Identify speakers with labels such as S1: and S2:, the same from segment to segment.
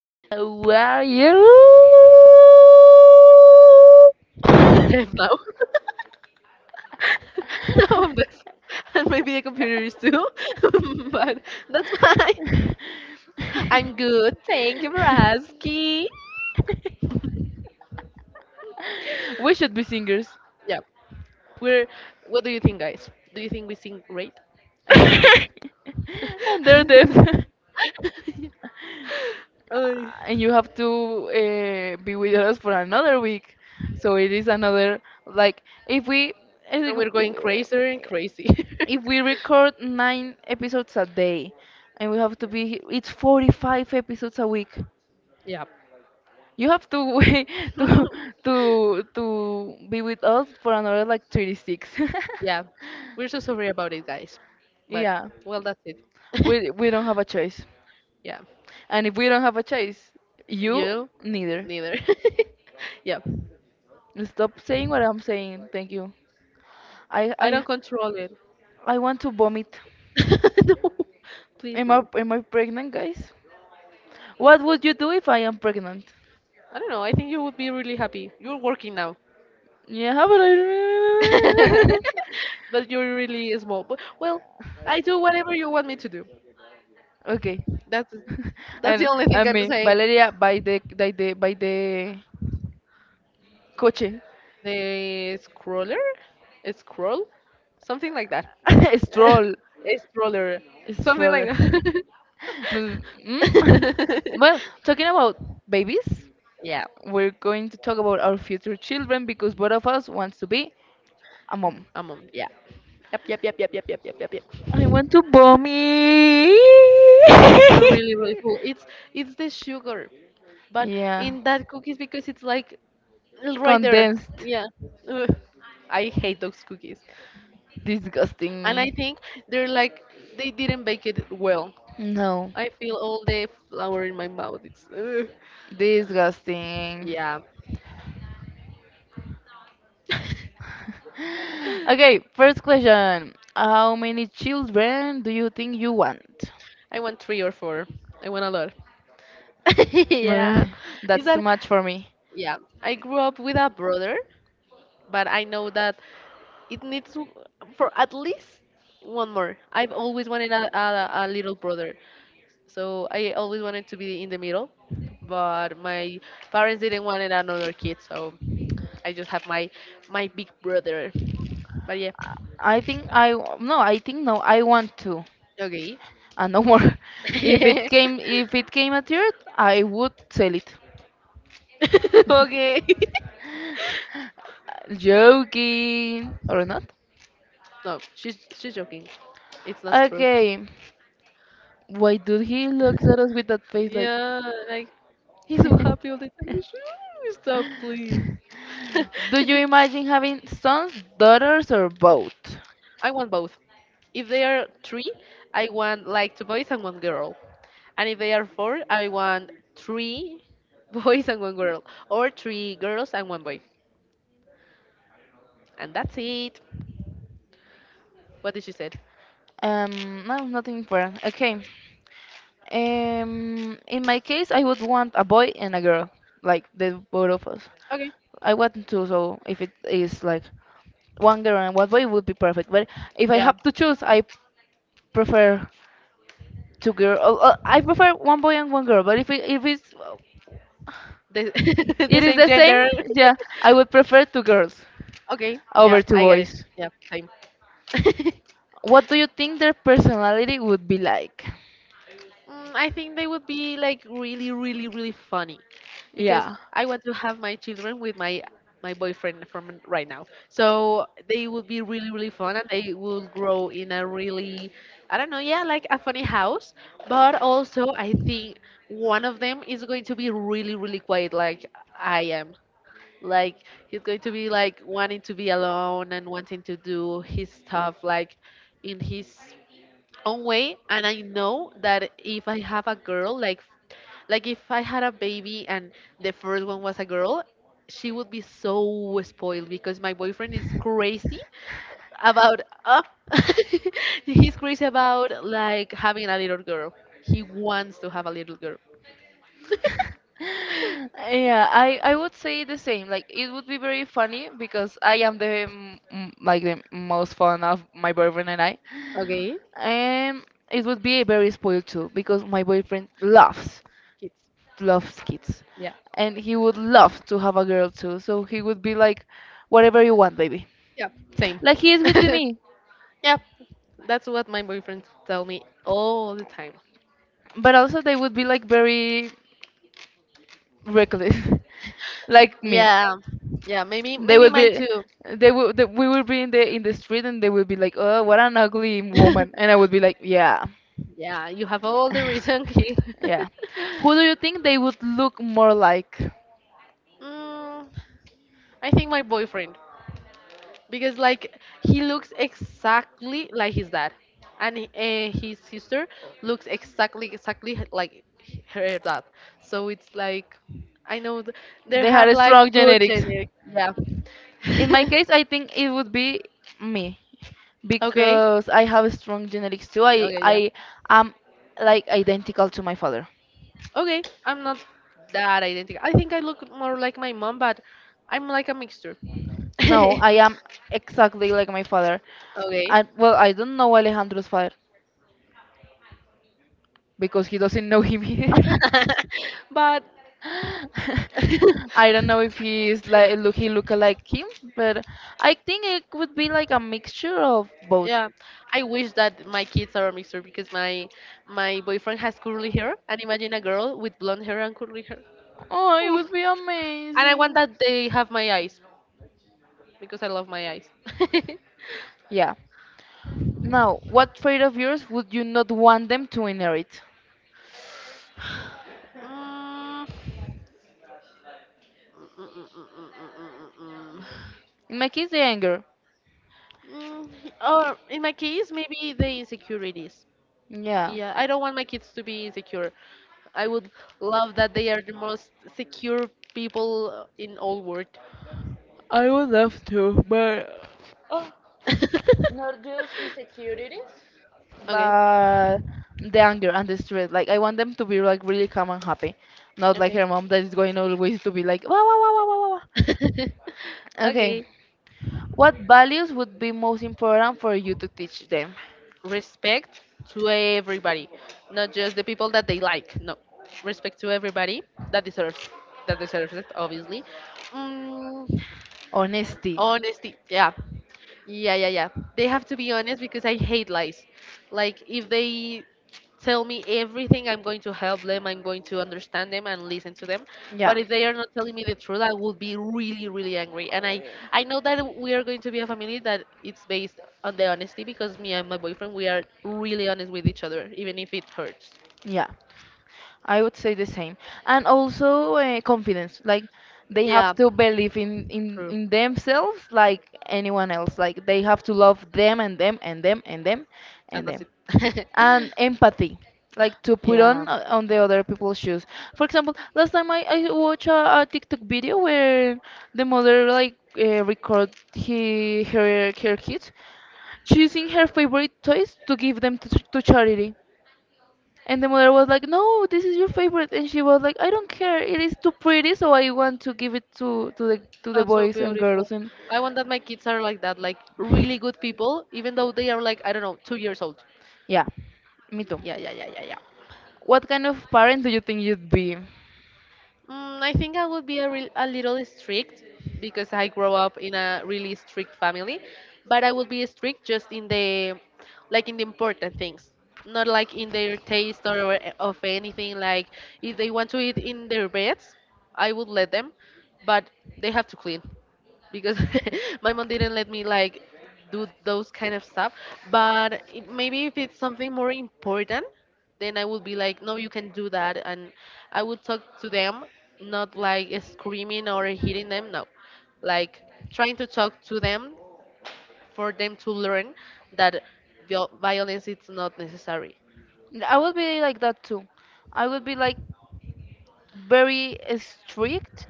S1: How are you?
S2: I'm deaf now. No, I'm deaf. And maybe the computer is too. But that's fine. I'm good. Thank you for asking.
S1: We should be singers.
S2: Yeah. We're What do you think, guys? Do you think we sing great? I think we do.
S1: And they're deaf.
S2: Yeah. Ay.
S1: And you have to be with us for another week. So it is another, like, if we. I
S2: And
S1: think
S2: we're going crazier and crazy.
S1: if we record nine episodes a day, and we have to be, it's 45 episodes a week.
S2: Yeah.
S1: You have to wait to to be with us for another, like, 36.
S2: Yeah, we're so sorry about it, guys. But
S1: Yeah,
S2: well, that's it.
S1: we don't have a choice,
S2: Yeah,
S1: and if we don't have a choice, you
S2: you
S1: neither.
S2: neither. Yeah,
S1: Stop saying what I'm saying. Thank you. i
S2: I don't
S1: i
S2: control it.
S1: i want to vomit.
S2: No, please
S1: am i
S2: no.
S1: am i pregnant, guys? What would you do if I am pregnant?
S2: I don't know. I think you would be really happy. You're working now.
S1: Yeah, but I
S2: But you're really small. But well, I do whatever you want me to do.
S1: okay.
S2: That's that's the
S1: and
S2: only thing
S1: and
S2: I'm
S1: me,
S2: saying.
S1: Valeria, by the coche.
S2: The scroller? A scroll? Something like that.
S1: Stroll.
S2: A stroller. Something like
S1: Stroller.
S2: that.
S1: No, mm. Well, talking about babies,
S2: Yeah.
S1: we're going to talk about our future children because both of us wants to be a mom.
S2: I'm Yeah. Yep, yep, yep, yep, yep, yep, yep, yep, yep.
S1: I want to mommy.
S2: You're really, really cool. It's the sugar, but
S1: Yeah.
S2: in that cookies because it's like right there.
S1: Condensed.
S2: Yeah. Ugh. I hate those cookies. And I
S1: Disgusting.
S2: think they're like they didn't bake it well.
S1: No.
S2: I feel all the flour in my mouth. It's ugh.
S1: Disgusting.
S2: Yeah.
S1: Okay, first question: how many children do you think you want?
S2: I want three or four. I want a lot.
S1: Uh,
S2: Yeah. Is
S1: that's too
S2: that
S1: much for me.
S2: Yeah, I grew up with a brother, but I know that it needs for at least one more. I've always wanted a little brother. So I always wanted to be in the middle, but my parents didn't want another kid, so I just have my big brother. But yeah.
S1: I think I w- no, I think no, I want to
S2: Okay.
S1: and no more. If it came if it came at third, I would sell it.
S2: Okay.
S1: Joking or not?
S2: No, she's joking. It's not true.
S1: Okay. Why do he looks at us with that face like?
S2: Yeah, like he's so happy all the time. Stop, please.
S1: Do you
S2: And
S1: imagine having sons, daughters, or both?
S2: I want both. If they are three, I want like two boys and one girl. And if they are four, I want three boys and one girl, or three girls and one boy. And that's it. What did she say?
S1: No, nothing important. Okay. In my case, I would want a boy and a girl, like the both of us.
S2: Okay.
S1: I want two, so if it is like one girl and one boy, it would be perfect. But if I
S2: Yeah.
S1: have to choose, I prefer two girl. Oh, oh, I prefer one boy and one girl. But if it, if it's
S2: The, the
S1: it is
S2: same
S1: the same,
S2: gender.
S1: yeah, I would prefer two girls
S2: Okay. Yeah,
S1: over two
S2: I get it.
S1: boys.
S2: Yeah, same.
S1: What do you think their personality would be like?
S2: Mm, I think they would be like really, really, really funny because
S1: Yeah.
S2: I want to have my children with my boyfriend from right now. So they would be really, really fun and they will grow in a really, I don't know, yeah, like a funny house. But also, I think one of them is going to be really, really quiet like I am. Like he's going to be like wanting to be alone and wanting to do his stuff like in his own way. And I know that if I have a girl, like if I had a baby and the first one was a girl, she would be so spoiled because my boyfriend is crazy about, he's crazy about like having a little girl. He wants to have a little girl.
S1: Yeah, I would say the same. Like it would be very funny because I am the like the most fun of my boyfriend and I.
S2: Okay.
S1: Um, it would be very spoiled too because my boyfriend laughs
S2: Kids.
S1: loves kids,
S2: Yeah.
S1: and he would love to have a girl too. So he would be like, whatever you want, baby.
S2: Yeah, same.
S1: Like he is with me,
S2: Yeah, that's what my boyfriend tell me all the time.
S1: but also they would be like very reckless, like me.
S2: Yeah, yeah, maybe
S1: They
S2: maybe
S1: would
S2: mine
S1: be,
S2: too.
S1: they would, they, we would be in the street, and they would be like, oh, what an ugly woman, and I would be like, yeah.
S2: Yeah, you have all the reason.
S1: Yeah. Who do you think they would look more like?
S2: Mm, I think my boyfriend, because like he looks exactly like his dad, and his sister looks exactly like her dad. So it's like I know they
S1: They had
S2: have
S1: a
S2: like
S1: strong
S2: good
S1: genetics.
S2: genetics.
S1: In my
S2: Yeah.
S1: case, I think it would be me
S2: Okay.
S1: because I have strong genetics too. I
S2: Okay. Yeah.
S1: I am like identical to my father.
S2: Okay. I'm not that identical. I think I look more like my mom, but I'm like a mixture.
S1: No, I am exactly like my father.
S2: Okay.
S1: I well, I don't know Alejandro's father because he doesn't know him either.
S2: But
S1: I don't know if he's like look he look like him, but I think it would be like a mixture of both.
S2: yeah, I wish that my kids are a mixture because my boyfriend has curly hair, and imagine a girl with blonde hair and curly hair.
S1: Oh, it
S2: Mm.
S1: would be
S2: And I want
S1: amazing.
S2: that they have my eyes because I love my eyes.
S1: Yeah. Now, what trait of yours would you not want them to inherit?
S2: Mm, mm, mm, mm, mm, mm, mm.
S1: In my case, the anger.
S2: Mm, Mm, Or in my case, maybe the insecurities.
S1: Yeah.
S2: Yeah, I don't want my kids to be insecure. I would love that they are the most secure people in all world.
S1: I would love to, but
S2: Okay,
S1: but the anger and the stress, like I want them to be like really calm and happy, not like
S2: okay,
S1: her mom that is going always to be like wow wow wow wow wow wow. Wow." Okay,
S2: okay.
S1: what values would be most important for you to teach them?
S2: Respect to everybody, not just the people that they like. No, respect to everybody that deserves it. Obviously, mm,
S1: Honesty.
S2: honesty. Yeah, yeah, yeah, yeah. They have to be honest because I hate lies. Like if they tell me everything, I'm going to help them, I'm going to understand them and listen to them. But
S1: Yeah,
S2: if they are not telling me the truth, I will be really, really angry. And I know that we are going to be a family that it's based on the honesty because me and my boyfriend we are really honest with each other, even if it hurts.
S1: yeah. I would say the same. And also, confidence. Like they
S2: Yeah.
S1: have to believe in, in
S2: True.
S1: in themselves like anyone else. Like they have to love them and them and them and them
S2: And
S1: and
S2: that's
S1: them.
S2: it.
S1: And empathy. Like to put
S2: Yeah.
S1: on the other people's shoes. For example, last time I watched a TikTok video where the mother like record he her her kids choosing her favorite toys to give them to charity. And the mother was like, "No, this is your favorite." And she was like, "I don't care. It is too pretty, so I want to give it to the
S2: That's so
S1: boys and girls."
S2: beautiful.
S1: And
S2: I want that my kids are like that, like really good people, even though they are like, I don't know, 2 years old.
S1: yeah, me too.
S2: Yeah, yeah, yeah, yeah, yeah.
S1: What kind of parent do you think you'd be?
S2: Mm, I think I would be a little strict because I grew up in a really strict family, but I would be strict just like in the important things, not like in their taste or of anything. Like if they want to eat in their beds, I would let them, but they have to clean. Because my mom didn't let me like do those kind of stuff. But maybe if it's something more important, then I would be like, no, you can do that, and I would talk to them, not like screaming or hitting them. No, like trying to talk to them for them to learn that violence is not necessary.
S1: I would be like that too. I would be like very, strict,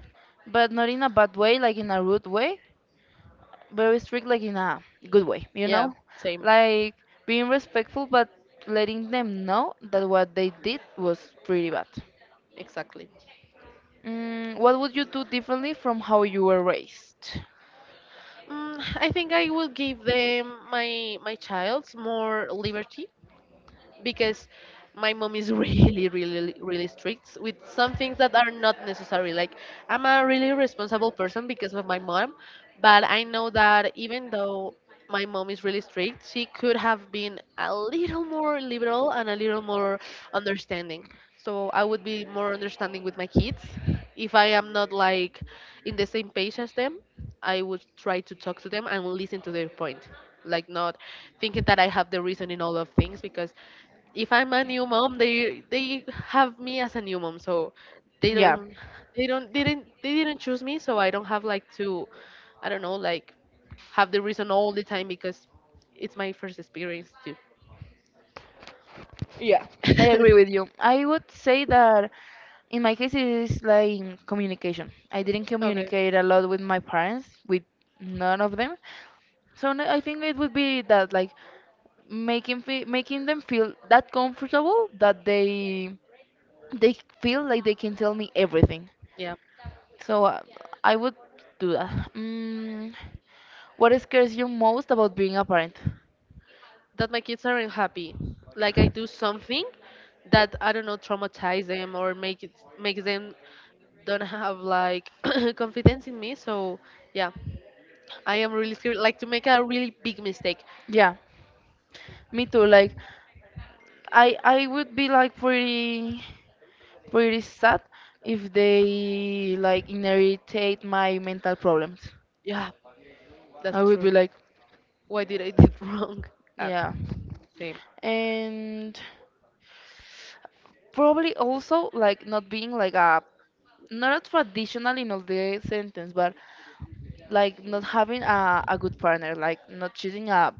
S1: but not in a bad way, like in a rude way. Very strict, like in a good way, you
S2: Yeah,
S1: know?
S2: same,
S1: Like being respectful, but letting them know that what they did was pretty bad.
S2: exactly.
S1: What would you do differently from how you were raised?
S2: I think I will give them my child's more liberty because my mom is really, really, really strict with some things that are not necessary. Like, I'm a really responsible person because of my mom, but I know that even though my mom is really strict, she could have been a little more liberal and a little more understanding. So I would be more understanding with my kids. If I am not like in the same page as them, I would try to talk to them and listen to their point. Like not thinking that I have the reason in all of things because if I'm a new mom, they have me as a new mom, so they
S1: Yeah,
S2: don't they didn't choose me, so I don't have like to I don't know like have the reason all the time because it's my first experience too.
S1: yeah, I agree with you. I would say that in my case, it is like communication. I didn't
S2: Okay,
S1: communicate a lot with my parents, with none of them. So n- I think it would be that, like making fe making them feel that comfortable that they feel like they can tell me everything.
S2: yeah,
S1: So I would do that. What scares you most about being a parent?
S2: that my kids aren't happy. Like I do something that I don't know traumatize them or make them don't have like confidence in me. So yeah, I am really scared like to make a really big mistake.
S1: Yeah, me too. Like, I would be like pretty sad if they like inherit my mental problems.
S2: Yeah,
S1: I
S2: that's
S1: would
S2: true.
S1: be like,
S2: Why did I did wrong? App.
S1: yeah,
S2: Same.
S1: and probably also like not being like a not a traditional in all the sentence, but like not having a good partner, like not choosing a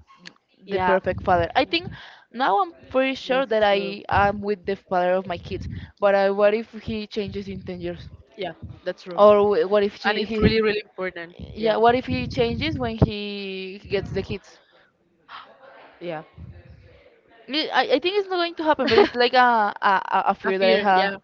S1: the
S2: Yeah,
S1: perfect father. I think now I'm pretty sure
S2: that's
S1: that
S2: true.
S1: I am with the father of my kids. But what if he changes in 10 years?
S2: Yeah, that's true.
S1: Or wh- what if
S2: And
S1: she,
S2: it's
S1: he,
S2: really, really important. Yeah.
S1: yeah, what if he changes when he gets the kids?
S2: Yeah.
S1: I think it's not going to happen, but it's like a, a a a
S2: A
S1: fear that I
S2: fear.
S1: have.
S2: Yeah.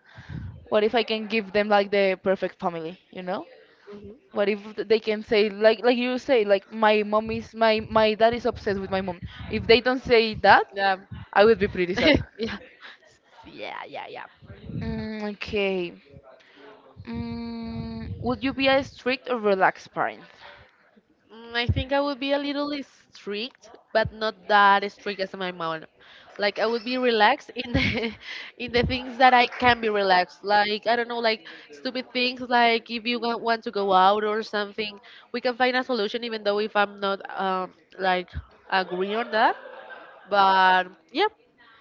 S1: What if I can give them like the perfect family? You know?
S2: Hmm.
S1: What if they can say like you say like my mom is my dad is obsessed with my mom. If they don't say that,
S2: Yeah.
S1: I would be pretty sad.
S2: Yeah. Yeah. Yeah. Yeah.
S1: Okay. Would you be a strict or relaxed parent?
S2: I think I would be a little strict, but not that strict as my mom. Like I would be relaxed in the in the things that I can be relaxed. Like I don't know, like stupid things. Like if you want to go out or something, we can find a solution. Even though if I'm not like agree on that, but yeah,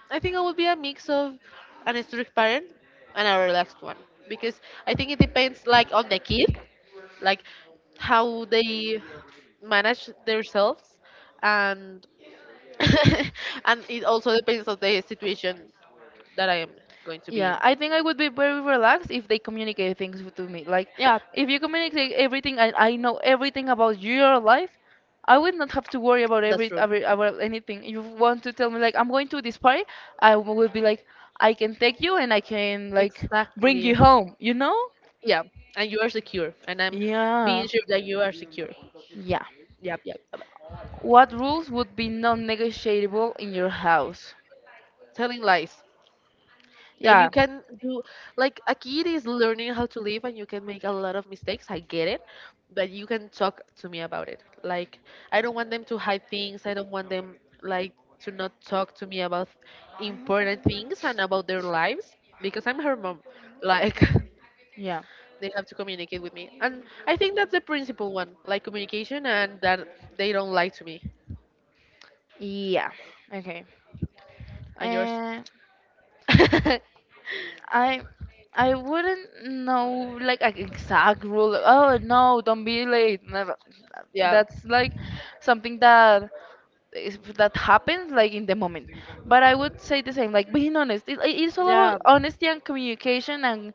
S2: I think I would be a mix of an strict parent and a relaxed one because I think it depends like on the kid, like how they manage themselves and and it also depends on the situation that I am going to be in.
S1: Yeah, I think I would be very relaxed if they communicate things to me. Like,
S2: Yeah,
S1: if you communicate everything, I know everything about your life, I would not have to worry about
S2: that's
S1: every,
S2: true.
S1: every about anything. You want to tell me like I'm going to this party, I would be like, I can take you and I can like bring
S2: Exactly.
S1: you home. You know?
S2: Yeah, and you are secure, and I'm being
S1: Yeah,
S2: sure that you are secure.
S1: yeah.
S2: Yep, yep. Yep.
S1: What rules would be non-negotiable in your house?
S2: Telling lies. That you
S1: Yeah.
S2: can do, like, a kid is learning how to live and you can make a lot of mistakes, I get it. But you can talk to me about it. Like, I don't want them to hide things. I don't want them, like, to not talk to me about important things and about their lives, because I'm her mom. Like,
S1: Yeah.
S2: they have to communicate with me, and I think that's the principal one, like communication, and that they don't lie to me.
S1: Yeah. Okay.
S2: And yours?
S1: Uh, I I wouldn't know like an exact rule. Oh no, don't be late. Never.
S2: Yeah.
S1: That's like something that is- that happens like in the moment. But I would say the same, like being honest. It's all
S2: Yeah,
S1: about honesty and communication and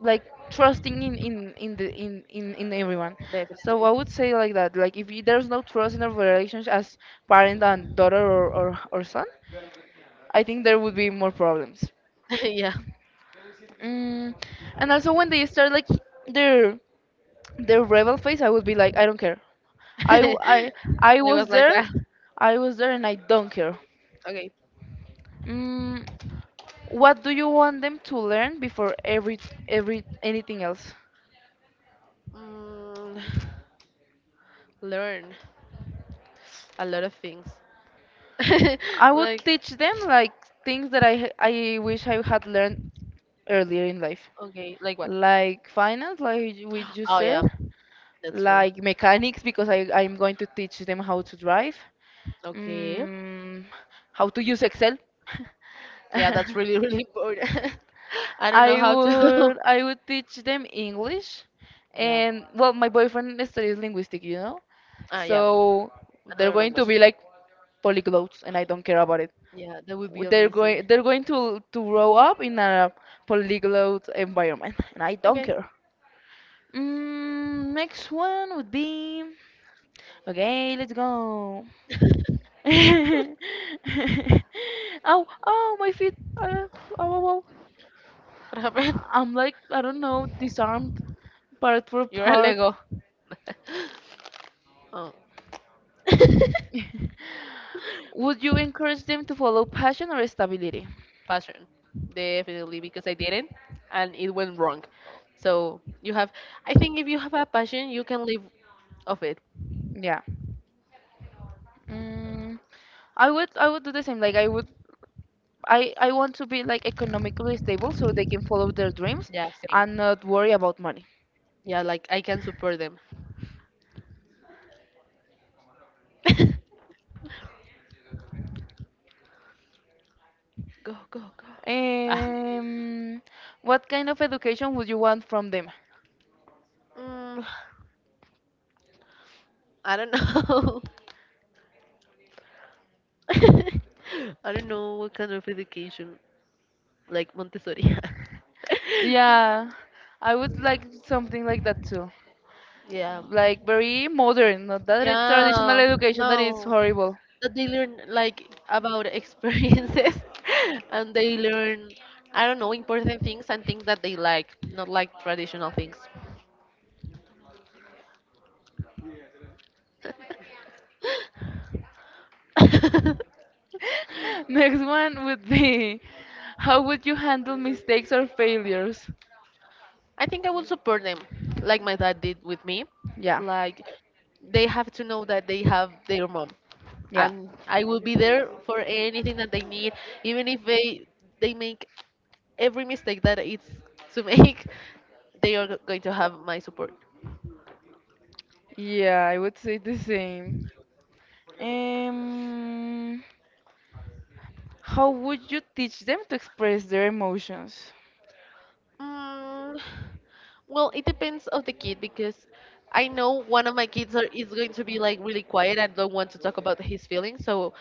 S1: like trusting in the in everyone. So
S2: definitely.
S1: I would say like that. Like if you, there's no trust in a relationship as parent and daughter or son, I think there would be more problems.
S2: Yeah.
S1: Mm, and also when they start like their their rebel phase, I would be like, I don't care. I w- I I
S2: It was
S1: was
S2: like
S1: there,
S2: that.
S1: I was there, and I don't care.
S2: Okay.
S1: Mm, what do you want them to learn before every anything else?
S2: Mm, Learn a lot of things.
S1: I would
S2: Like,
S1: teach them like things that I wish I had learned earlier in life,
S2: okay, like what?
S1: like finance, like you- which you
S2: Oh,
S1: said,
S2: yeah, that's true.
S1: like mechanics because I'm going to teach them how to drive.
S2: Okay.
S1: Mm, how to use Excel?
S2: Yeah, that's really, really important. I don't know
S1: I
S2: how to.
S1: would I would teach them English,
S2: Yeah.
S1: and well, my boyfriend studies linguistic, you know,
S2: Ah, yeah.
S1: so they're
S2: Another
S1: going
S2: language.
S1: to be like polyglots, and I don't care about it.
S2: Yeah, that would be
S1: They're
S2: amazing.
S1: going they're going to to grow up in a polyglot environment, and I don't
S2: Okay.
S1: care. Next one would be okay. Let's go. Oh, oh, my feet. Oh, oh, oh.
S2: What happened?
S1: I'm like, I don't know, disarmed part for
S2: You're a
S1: part.
S2: Lego. Oh.
S1: Would you encourage them to follow passion or stability?
S2: Passion. Definitely, because I didn't and it went wrong. So you have, I think if you have a passion, you can live of it.
S1: Yeah. Mm, I would do the same. Like I would I want to be like economically stable so they can follow their dreams
S2: Yeah, same.
S1: and not worry about money.
S2: Yeah, like I can support them. Go, go, go. Ah.
S1: Um, what kind of education would you want from them?
S2: Mm, I don't know. I don't know what kind of education, like Montessori.
S1: Yeah, I would like something like that too.
S2: Yeah.
S1: Like very modern, not that it- traditional
S2: Yeah,
S1: education that is
S2: no,
S1: horrible.
S2: that they learn like about experiences and they learn, I don't know, important things and things that they like, not like traditional things. I
S1: Next one would be how would you handle mistakes or failures?
S2: think I will support them, like my dad did with me.
S1: Yeah,
S2: Like, they have to know that they have their mom,
S1: yeah.
S2: and I will be there for anything that they need, even if they make every mistake that it's to make. They are going to have my support.
S1: Yeah, I would say the same. Um, how would you teach them to express their emotions?
S2: Mm, well, it depends of the kid because I know one of my is going to be like really quiet and don't want to talk about his feelings. So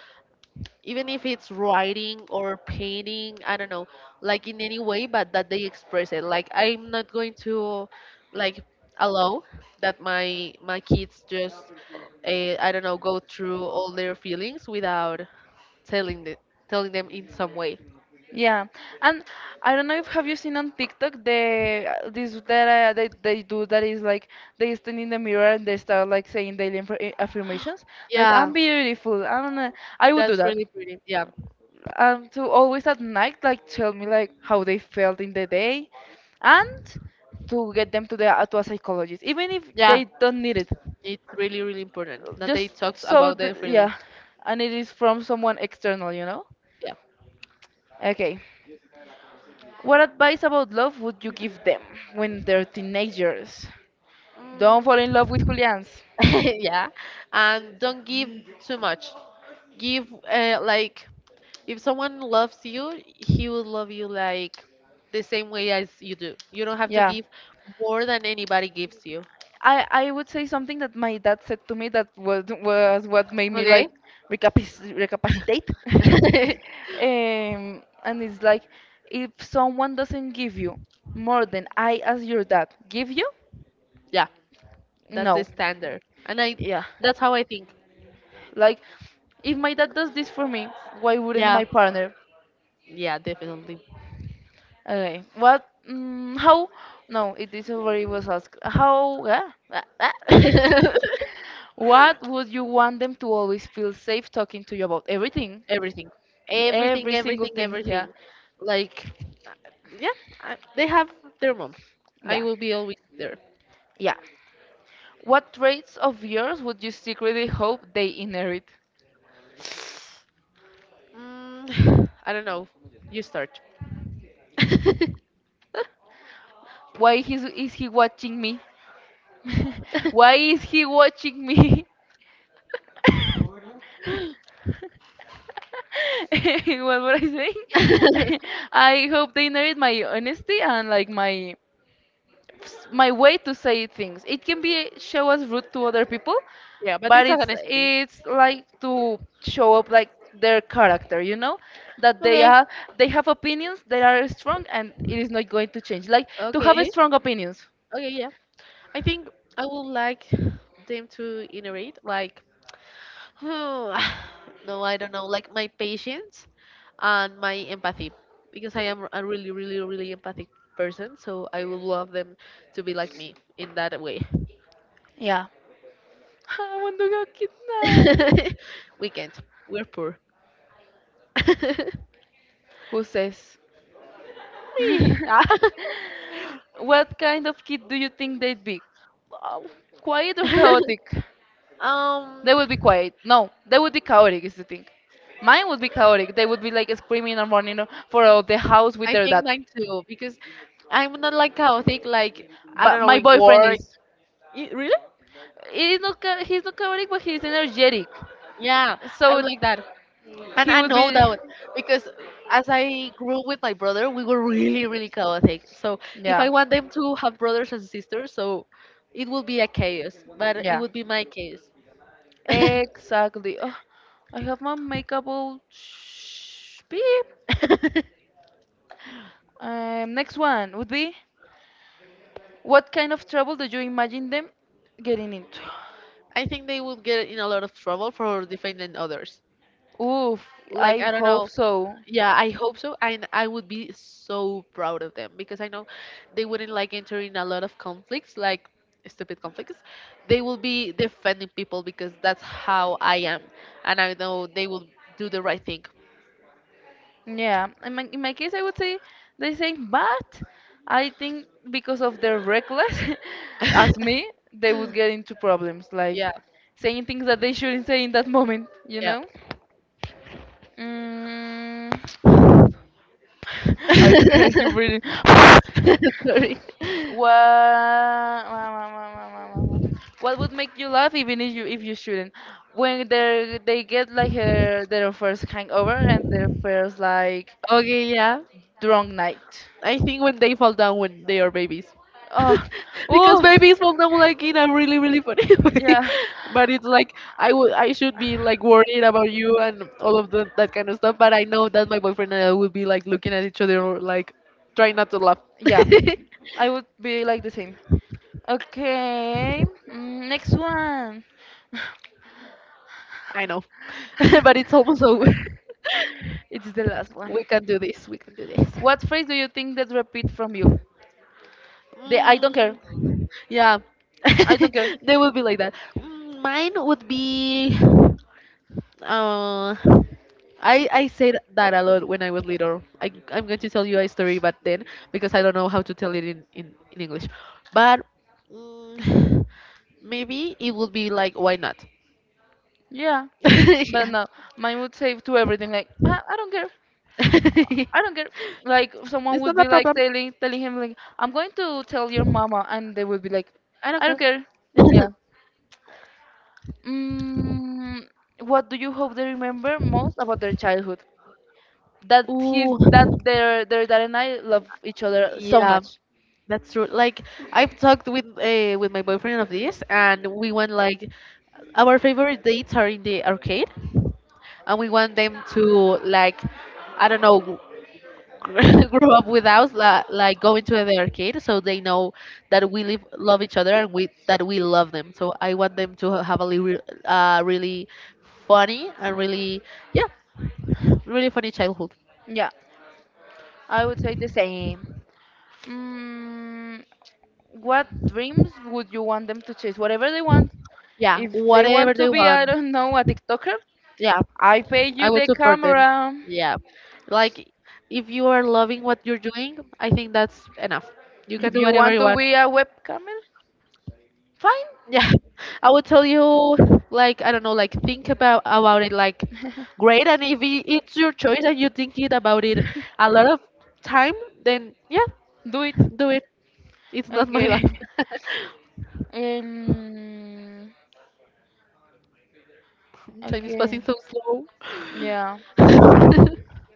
S2: even if it's writing or painting, I don't know, like in any way, but that they express it. Like I'm not going to like allow that my kids just I don't know go through all their feelings without telling the, telling them in some way.
S1: Yeah, and I don't know if have you seen on TikTok the this that they do that is like they stand in the mirror and they start like saying daily inf- affirmations like
S2: Yeah,
S1: I'm beautiful. I don't know. I would do
S2: that's
S1: that.
S2: really pretty. Yeah.
S1: To always at night like tell me like how they felt in the day, and to get them to the to a psychologist even if
S2: Yeah,
S1: they don't need it,
S2: it's really, really important that they
S1: just
S2: talk
S1: so
S2: about
S1: th
S2: their feelings.
S1: yeah, and it is from someone external, you know.
S2: Yeah.
S1: Okay. What advice about love would you give them when they're teenagers? Don't fall
S2: Mm,
S1: in love with Julian's.
S2: yeah. And don't give too much. Give, like, if someone loves you, he will love you, like, the same way as you do. You don't have to
S1: Yeah.
S2: give more than anybody gives you.
S1: I would say something that my dad said to me that was what made me
S2: Okay?
S1: like recapac- recapacitate. And it's like if someone doesn't give you more than I as your dad give you,
S2: yeah, that's the
S1: no.
S2: standard. And
S1: Yeah.
S2: that's how I think.
S1: Like, if my dad does this for me, why wouldn't
S2: Yeah,
S1: my partner?
S2: yeah, definitely.
S1: Okay. What? Mm, how? No, it is already was asked. How? Ah, ah, ah. What would you want them to always feel safe talking to you about? Everything.
S2: Everything, everything,
S1: Every single
S2: everything,
S1: thing.
S2: everything,
S1: Yeah.
S2: like, yeah. They have their mom. I
S1: Yeah.
S2: will be always there.
S1: Yeah. What traits of yours would you secretly hope they inherit?
S2: I don't know, you start.
S1: Why is he watching me? Why is he watching me? What were I saying? I hope they inherit my honesty and like my way to say things. It can be show as rude to other people,
S2: Yeah, but
S1: but
S2: it's
S1: it's
S2: honesty.
S1: it's like to show up like their character, you know, that they
S2: Okay.
S1: are they have opinions that are strong and it is not going to change. Like to have
S2: Okay.
S1: strong opinions.
S2: Okay, yeah, I think I would like them to innovate, like Hmm, no, I don't know. Like my patience and my empathy, because I am a really, really, really empathic person. So I would love them to be like me in that way.
S1: Yeah. I want to go kidnapped.
S2: We can't. We're poor.
S1: Who says?
S2: Me. Ah.
S1: What kind of kid do you think they'd be? Uh, Quiet or chaotic?
S2: um,
S1: They would be quiet. No, they would be chaotic, is the thing. Mine would be chaotic. They would be like screaming and running for out the house with
S2: I
S1: their dad.
S2: think mine too, because I'm not like chaotic. Like I don't
S1: But
S2: know
S1: my
S2: in
S1: boyfriend
S2: work.
S1: is.
S2: Y- Really?
S1: He is not, cha- he's not chaotic, but he's energetic.
S2: Yeah, I'm
S1: So
S2: like that. And
S1: he
S2: I
S1: would
S2: know
S1: be.
S2: that one, because as I grew with my brother, we were really, really chaotic. So if
S1: Yeah.
S2: I want them to have brothers and sisters, so it would be a chaos, but it
S1: Yeah.
S2: would be my case. I
S1: Exactly. Oh, I have my makeup all sh- beep. Next one would be what kind of trouble do you imagine them getting into?
S2: think they would get in a lot of trouble for defending others.
S1: Oof,
S2: Like
S1: I
S2: I don't
S1: hope
S2: know,
S1: so.
S2: yeah, I hope so. And I would be so proud of them because I know they wouldn't like enter in a lot of conflicts, like stupid conflicts. They will be defending people because that's how I am. And I know they will do the right thing.
S1: Yeah, in my case, I would say the same, but I think because of their reckless, as me, they would get into problems, like
S2: Yeah,
S1: saying things that they shouldn't say in that moment, you
S2: yeah.
S1: know? Mm. I heard you breathing.
S2: Sorry.
S1: What, what would make you laugh even if you shouldn't? When they get like their first hangover and their first like
S2: Okay, yeah.
S1: drunk night.
S2: I think when they fall down when they are babies.
S1: Oh,
S2: Because
S1: oof,
S2: maybe it's not like in a really really funny way,
S1: yeah,
S2: but it's like I would, I should be like worried about you and all of that kind of stuff, but I know that my boyfriend and I would be like looking at each other like trying not to laugh.
S1: yeah. I would be like the same. Okay, mm, next one.
S2: I know. But it's almost over.
S1: It's the last one.
S2: We can do this, we can do this.
S1: What phrase do you think that repeat from you? The I don't care.
S2: Mm, yeah,
S1: I don't care.
S2: they would be like that. Mm, mine would be. Uh, I said that a lot when I was little. I'm going to tell you a story, but then because I don't know how to tell it in in English, but mm, maybe it would be like why not?
S1: Yeah, but
S2: Yeah.
S1: no, mine would say to everything like, I don't care,
S2: It's
S1: I don't care. Like someone would
S2: not a
S1: be like
S2: problem.
S1: telling him like, I'm going to tell your mama, and they would be like,
S2: I don't
S1: I
S2: care.
S1: don't care. Yeah. Mm, what do you hope they remember most about their childhood? That he's
S2: Ooh,
S1: that their dad and I love each other so
S2: yeah,
S1: much.
S2: that's true. Like I've talked with my boyfriend of this, and we went like our favorite dates are in the arcade, and we want them to like, I don't know, grow up with us, like going to the arcade, so they know that we love each other and we that we love them. So I want them to have a really funny and really, yeah, really funny childhood.
S1: Yeah, I would say the same. Mm, what dreams would you want them to chase? Whatever they want.
S2: Yeah,
S1: If they
S2: whatever
S1: want to
S2: they
S1: be,
S2: want.
S1: I don't know, a TikToker,
S2: Yeah,
S1: I pay
S2: I
S1: you
S2: would
S1: the
S2: support them.
S1: camera.
S2: Yeah, like if you are loving what you're doing, I think that's enough. You can
S1: If
S2: do
S1: you
S2: whatever
S1: want
S2: you
S1: to
S2: want.
S1: be a webcamer, fine.
S2: Yeah, I would tell you, like, I don't know, like, think about it, like, great. And if it's your choice and you think it about it a lot of time, then yeah,
S1: Do it.
S2: do it. It's not my life.
S1: Okay. Um,
S2: Time is passing
S1: okay.
S2: so slow.
S1: Yeah.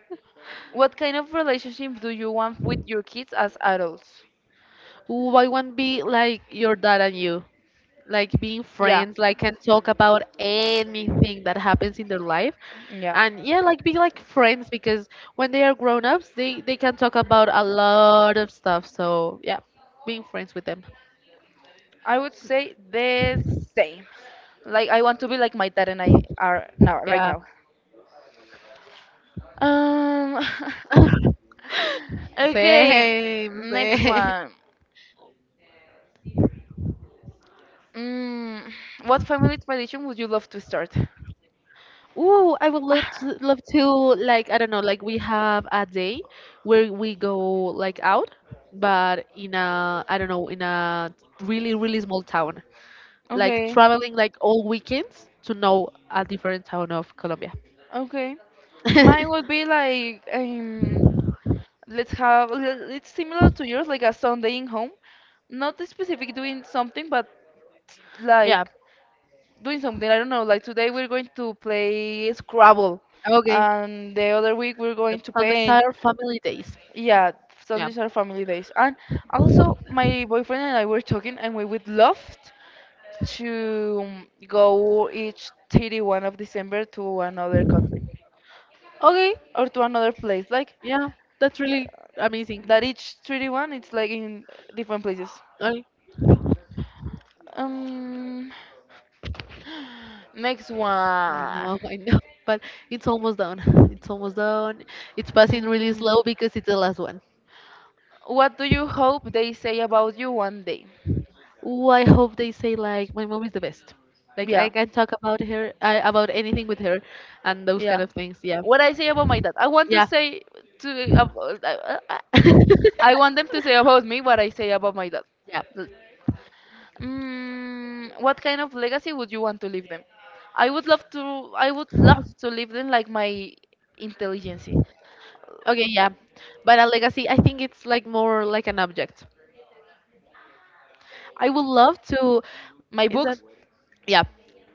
S1: What kind of relationship do you want with your kids as adults?
S2: Why won't be like your dad and you? Like being
S1: Yeah.
S2: friends, like can talk about anything that happens in their life.
S1: Yeah.
S2: And yeah, like be like friends because when they are grown ups, they can talk about a lot of stuff. So yeah, being friends with them.
S1: I would say the same. Like I want to be like my dad and I are now right
S2: Yeah.
S1: now. Um. Okay,
S2: Same,
S1: next
S2: same.
S1: one. Mm, what family tradition would you love to start?
S2: Ooh, I would love to,
S1: Ah,
S2: love to like I don't know, like we have a day where we go like out, but in a I don't know, in a really really small town. Like
S1: okay,
S2: traveling like all weekends to know a different town of Colombia.
S1: okay. Mine would be like. Let's have. L- It's similar to yours, like a Sunday in home. Not specific doing something, but
S2: Yeah.
S1: like doing something. I don't know. Like today we're going to play Scrabble,
S2: Okay.
S1: and the other week we're going to
S2: Sundays
S1: paint.
S2: are family days.
S1: Yeah,
S2: Yeah.
S1: Sundays are family days. And also, my boyfriend and I were talking, and we would love to go each 31st of December to another country
S2: Okay.
S1: or to another place. Like
S2: Yeah. That's really amazing.
S1: that each 31st, it's like in different places.
S2: I,
S1: Um, next
S2: I
S1: one.
S2: know. I know. But it's almost done. It's almost done. It's passing really
S1: Mm,
S2: slow because it's the last one.
S1: what do you hope they say about you one day?
S2: Ooh, I hope they say like my mom is the best. Like I
S1: Yeah.
S2: can talk about her, about anything with her, and those kind
S1: Yeah.
S2: of things. Yeah.
S1: What I say about my dad, I want to
S2: Yeah.
S1: say to about, I want them to say about me what I say about my dad.
S2: Yeah.
S1: L- Mm, what kind of legacy would you want to leave them? I would love to. I would love to leave them like my intelligence,
S2: Okay, yeah. But a legacy, I think it's like more like an object. I would love to.
S1: my
S2: Is that?
S1: books.
S2: Yeah.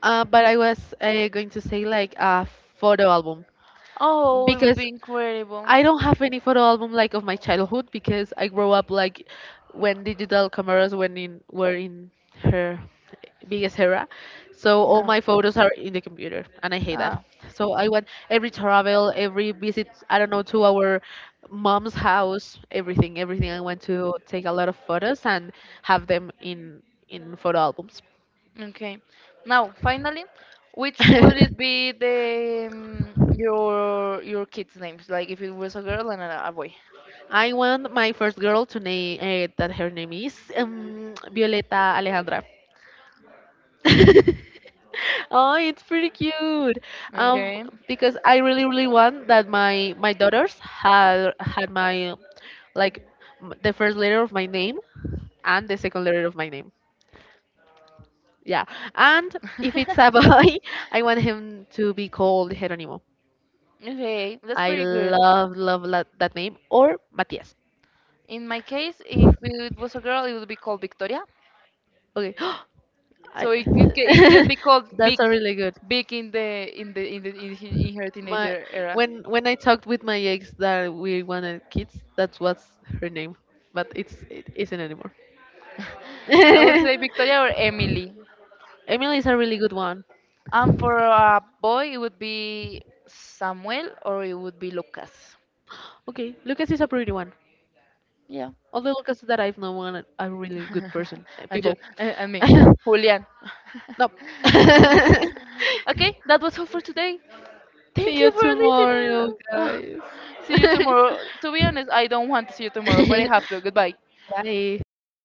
S2: But I was going to say like a photo album
S1: Oh, it would
S2: because
S1: be incredible.
S2: I don't have any photo album like of my childhood because I grew up like when digital cameras when in were in her biggest era. So all
S1: Yeah.
S2: my photos are in the computer and I hate that.
S1: Ah.
S2: So I want every travel, every visit, I don't know, to our mom's house, everything, everything I want to take a lot of photos and have them in photo albums.
S1: Okay. Now, finally, which would it be the your kids' names? Like if it was a girl and a boy.
S2: I want my first girl to name that her name is Violeta Alejandra. Oh, it's pretty cute. Um,
S1: Okay.
S2: because I really, really want that my daughters had my like the first letter of my name and the second letter of my name. Yeah. And if it's a boy, I want him to be called Jerónimo.
S1: Okay, that's
S2: I
S1: pretty good.
S2: love, love that name or Matias.
S1: In my case, if it was a girl, it would be called Victoria.
S2: Okay.
S1: So
S2: I,
S1: it it can be called Big
S2: that's a really good.
S1: Big in the in the in the in, hi- in her
S2: My
S1: teenager era.
S2: when I talked with my ex that we wanted kids, that was her name, but it isn't anymore.
S1: I would say Victoria or Emily.
S2: Emily is a really good one.
S1: And for a boy, it would be Samuel or it would be Lucas.
S2: Okay, Lucas is a pretty one.
S1: Yeah.
S2: All the Lucas that I've known are really good person
S1: And you
S2: people.
S1: and me,
S2: No.
S1: Julian. Okay, that was all for today. Thank
S2: See
S1: you
S2: you
S1: for
S2: tomorrow,
S1: listening.
S2: guys.
S1: See you tomorrow. To be honest, I don't want to see you tomorrow, but I have to. Goodbye.
S2: Bye.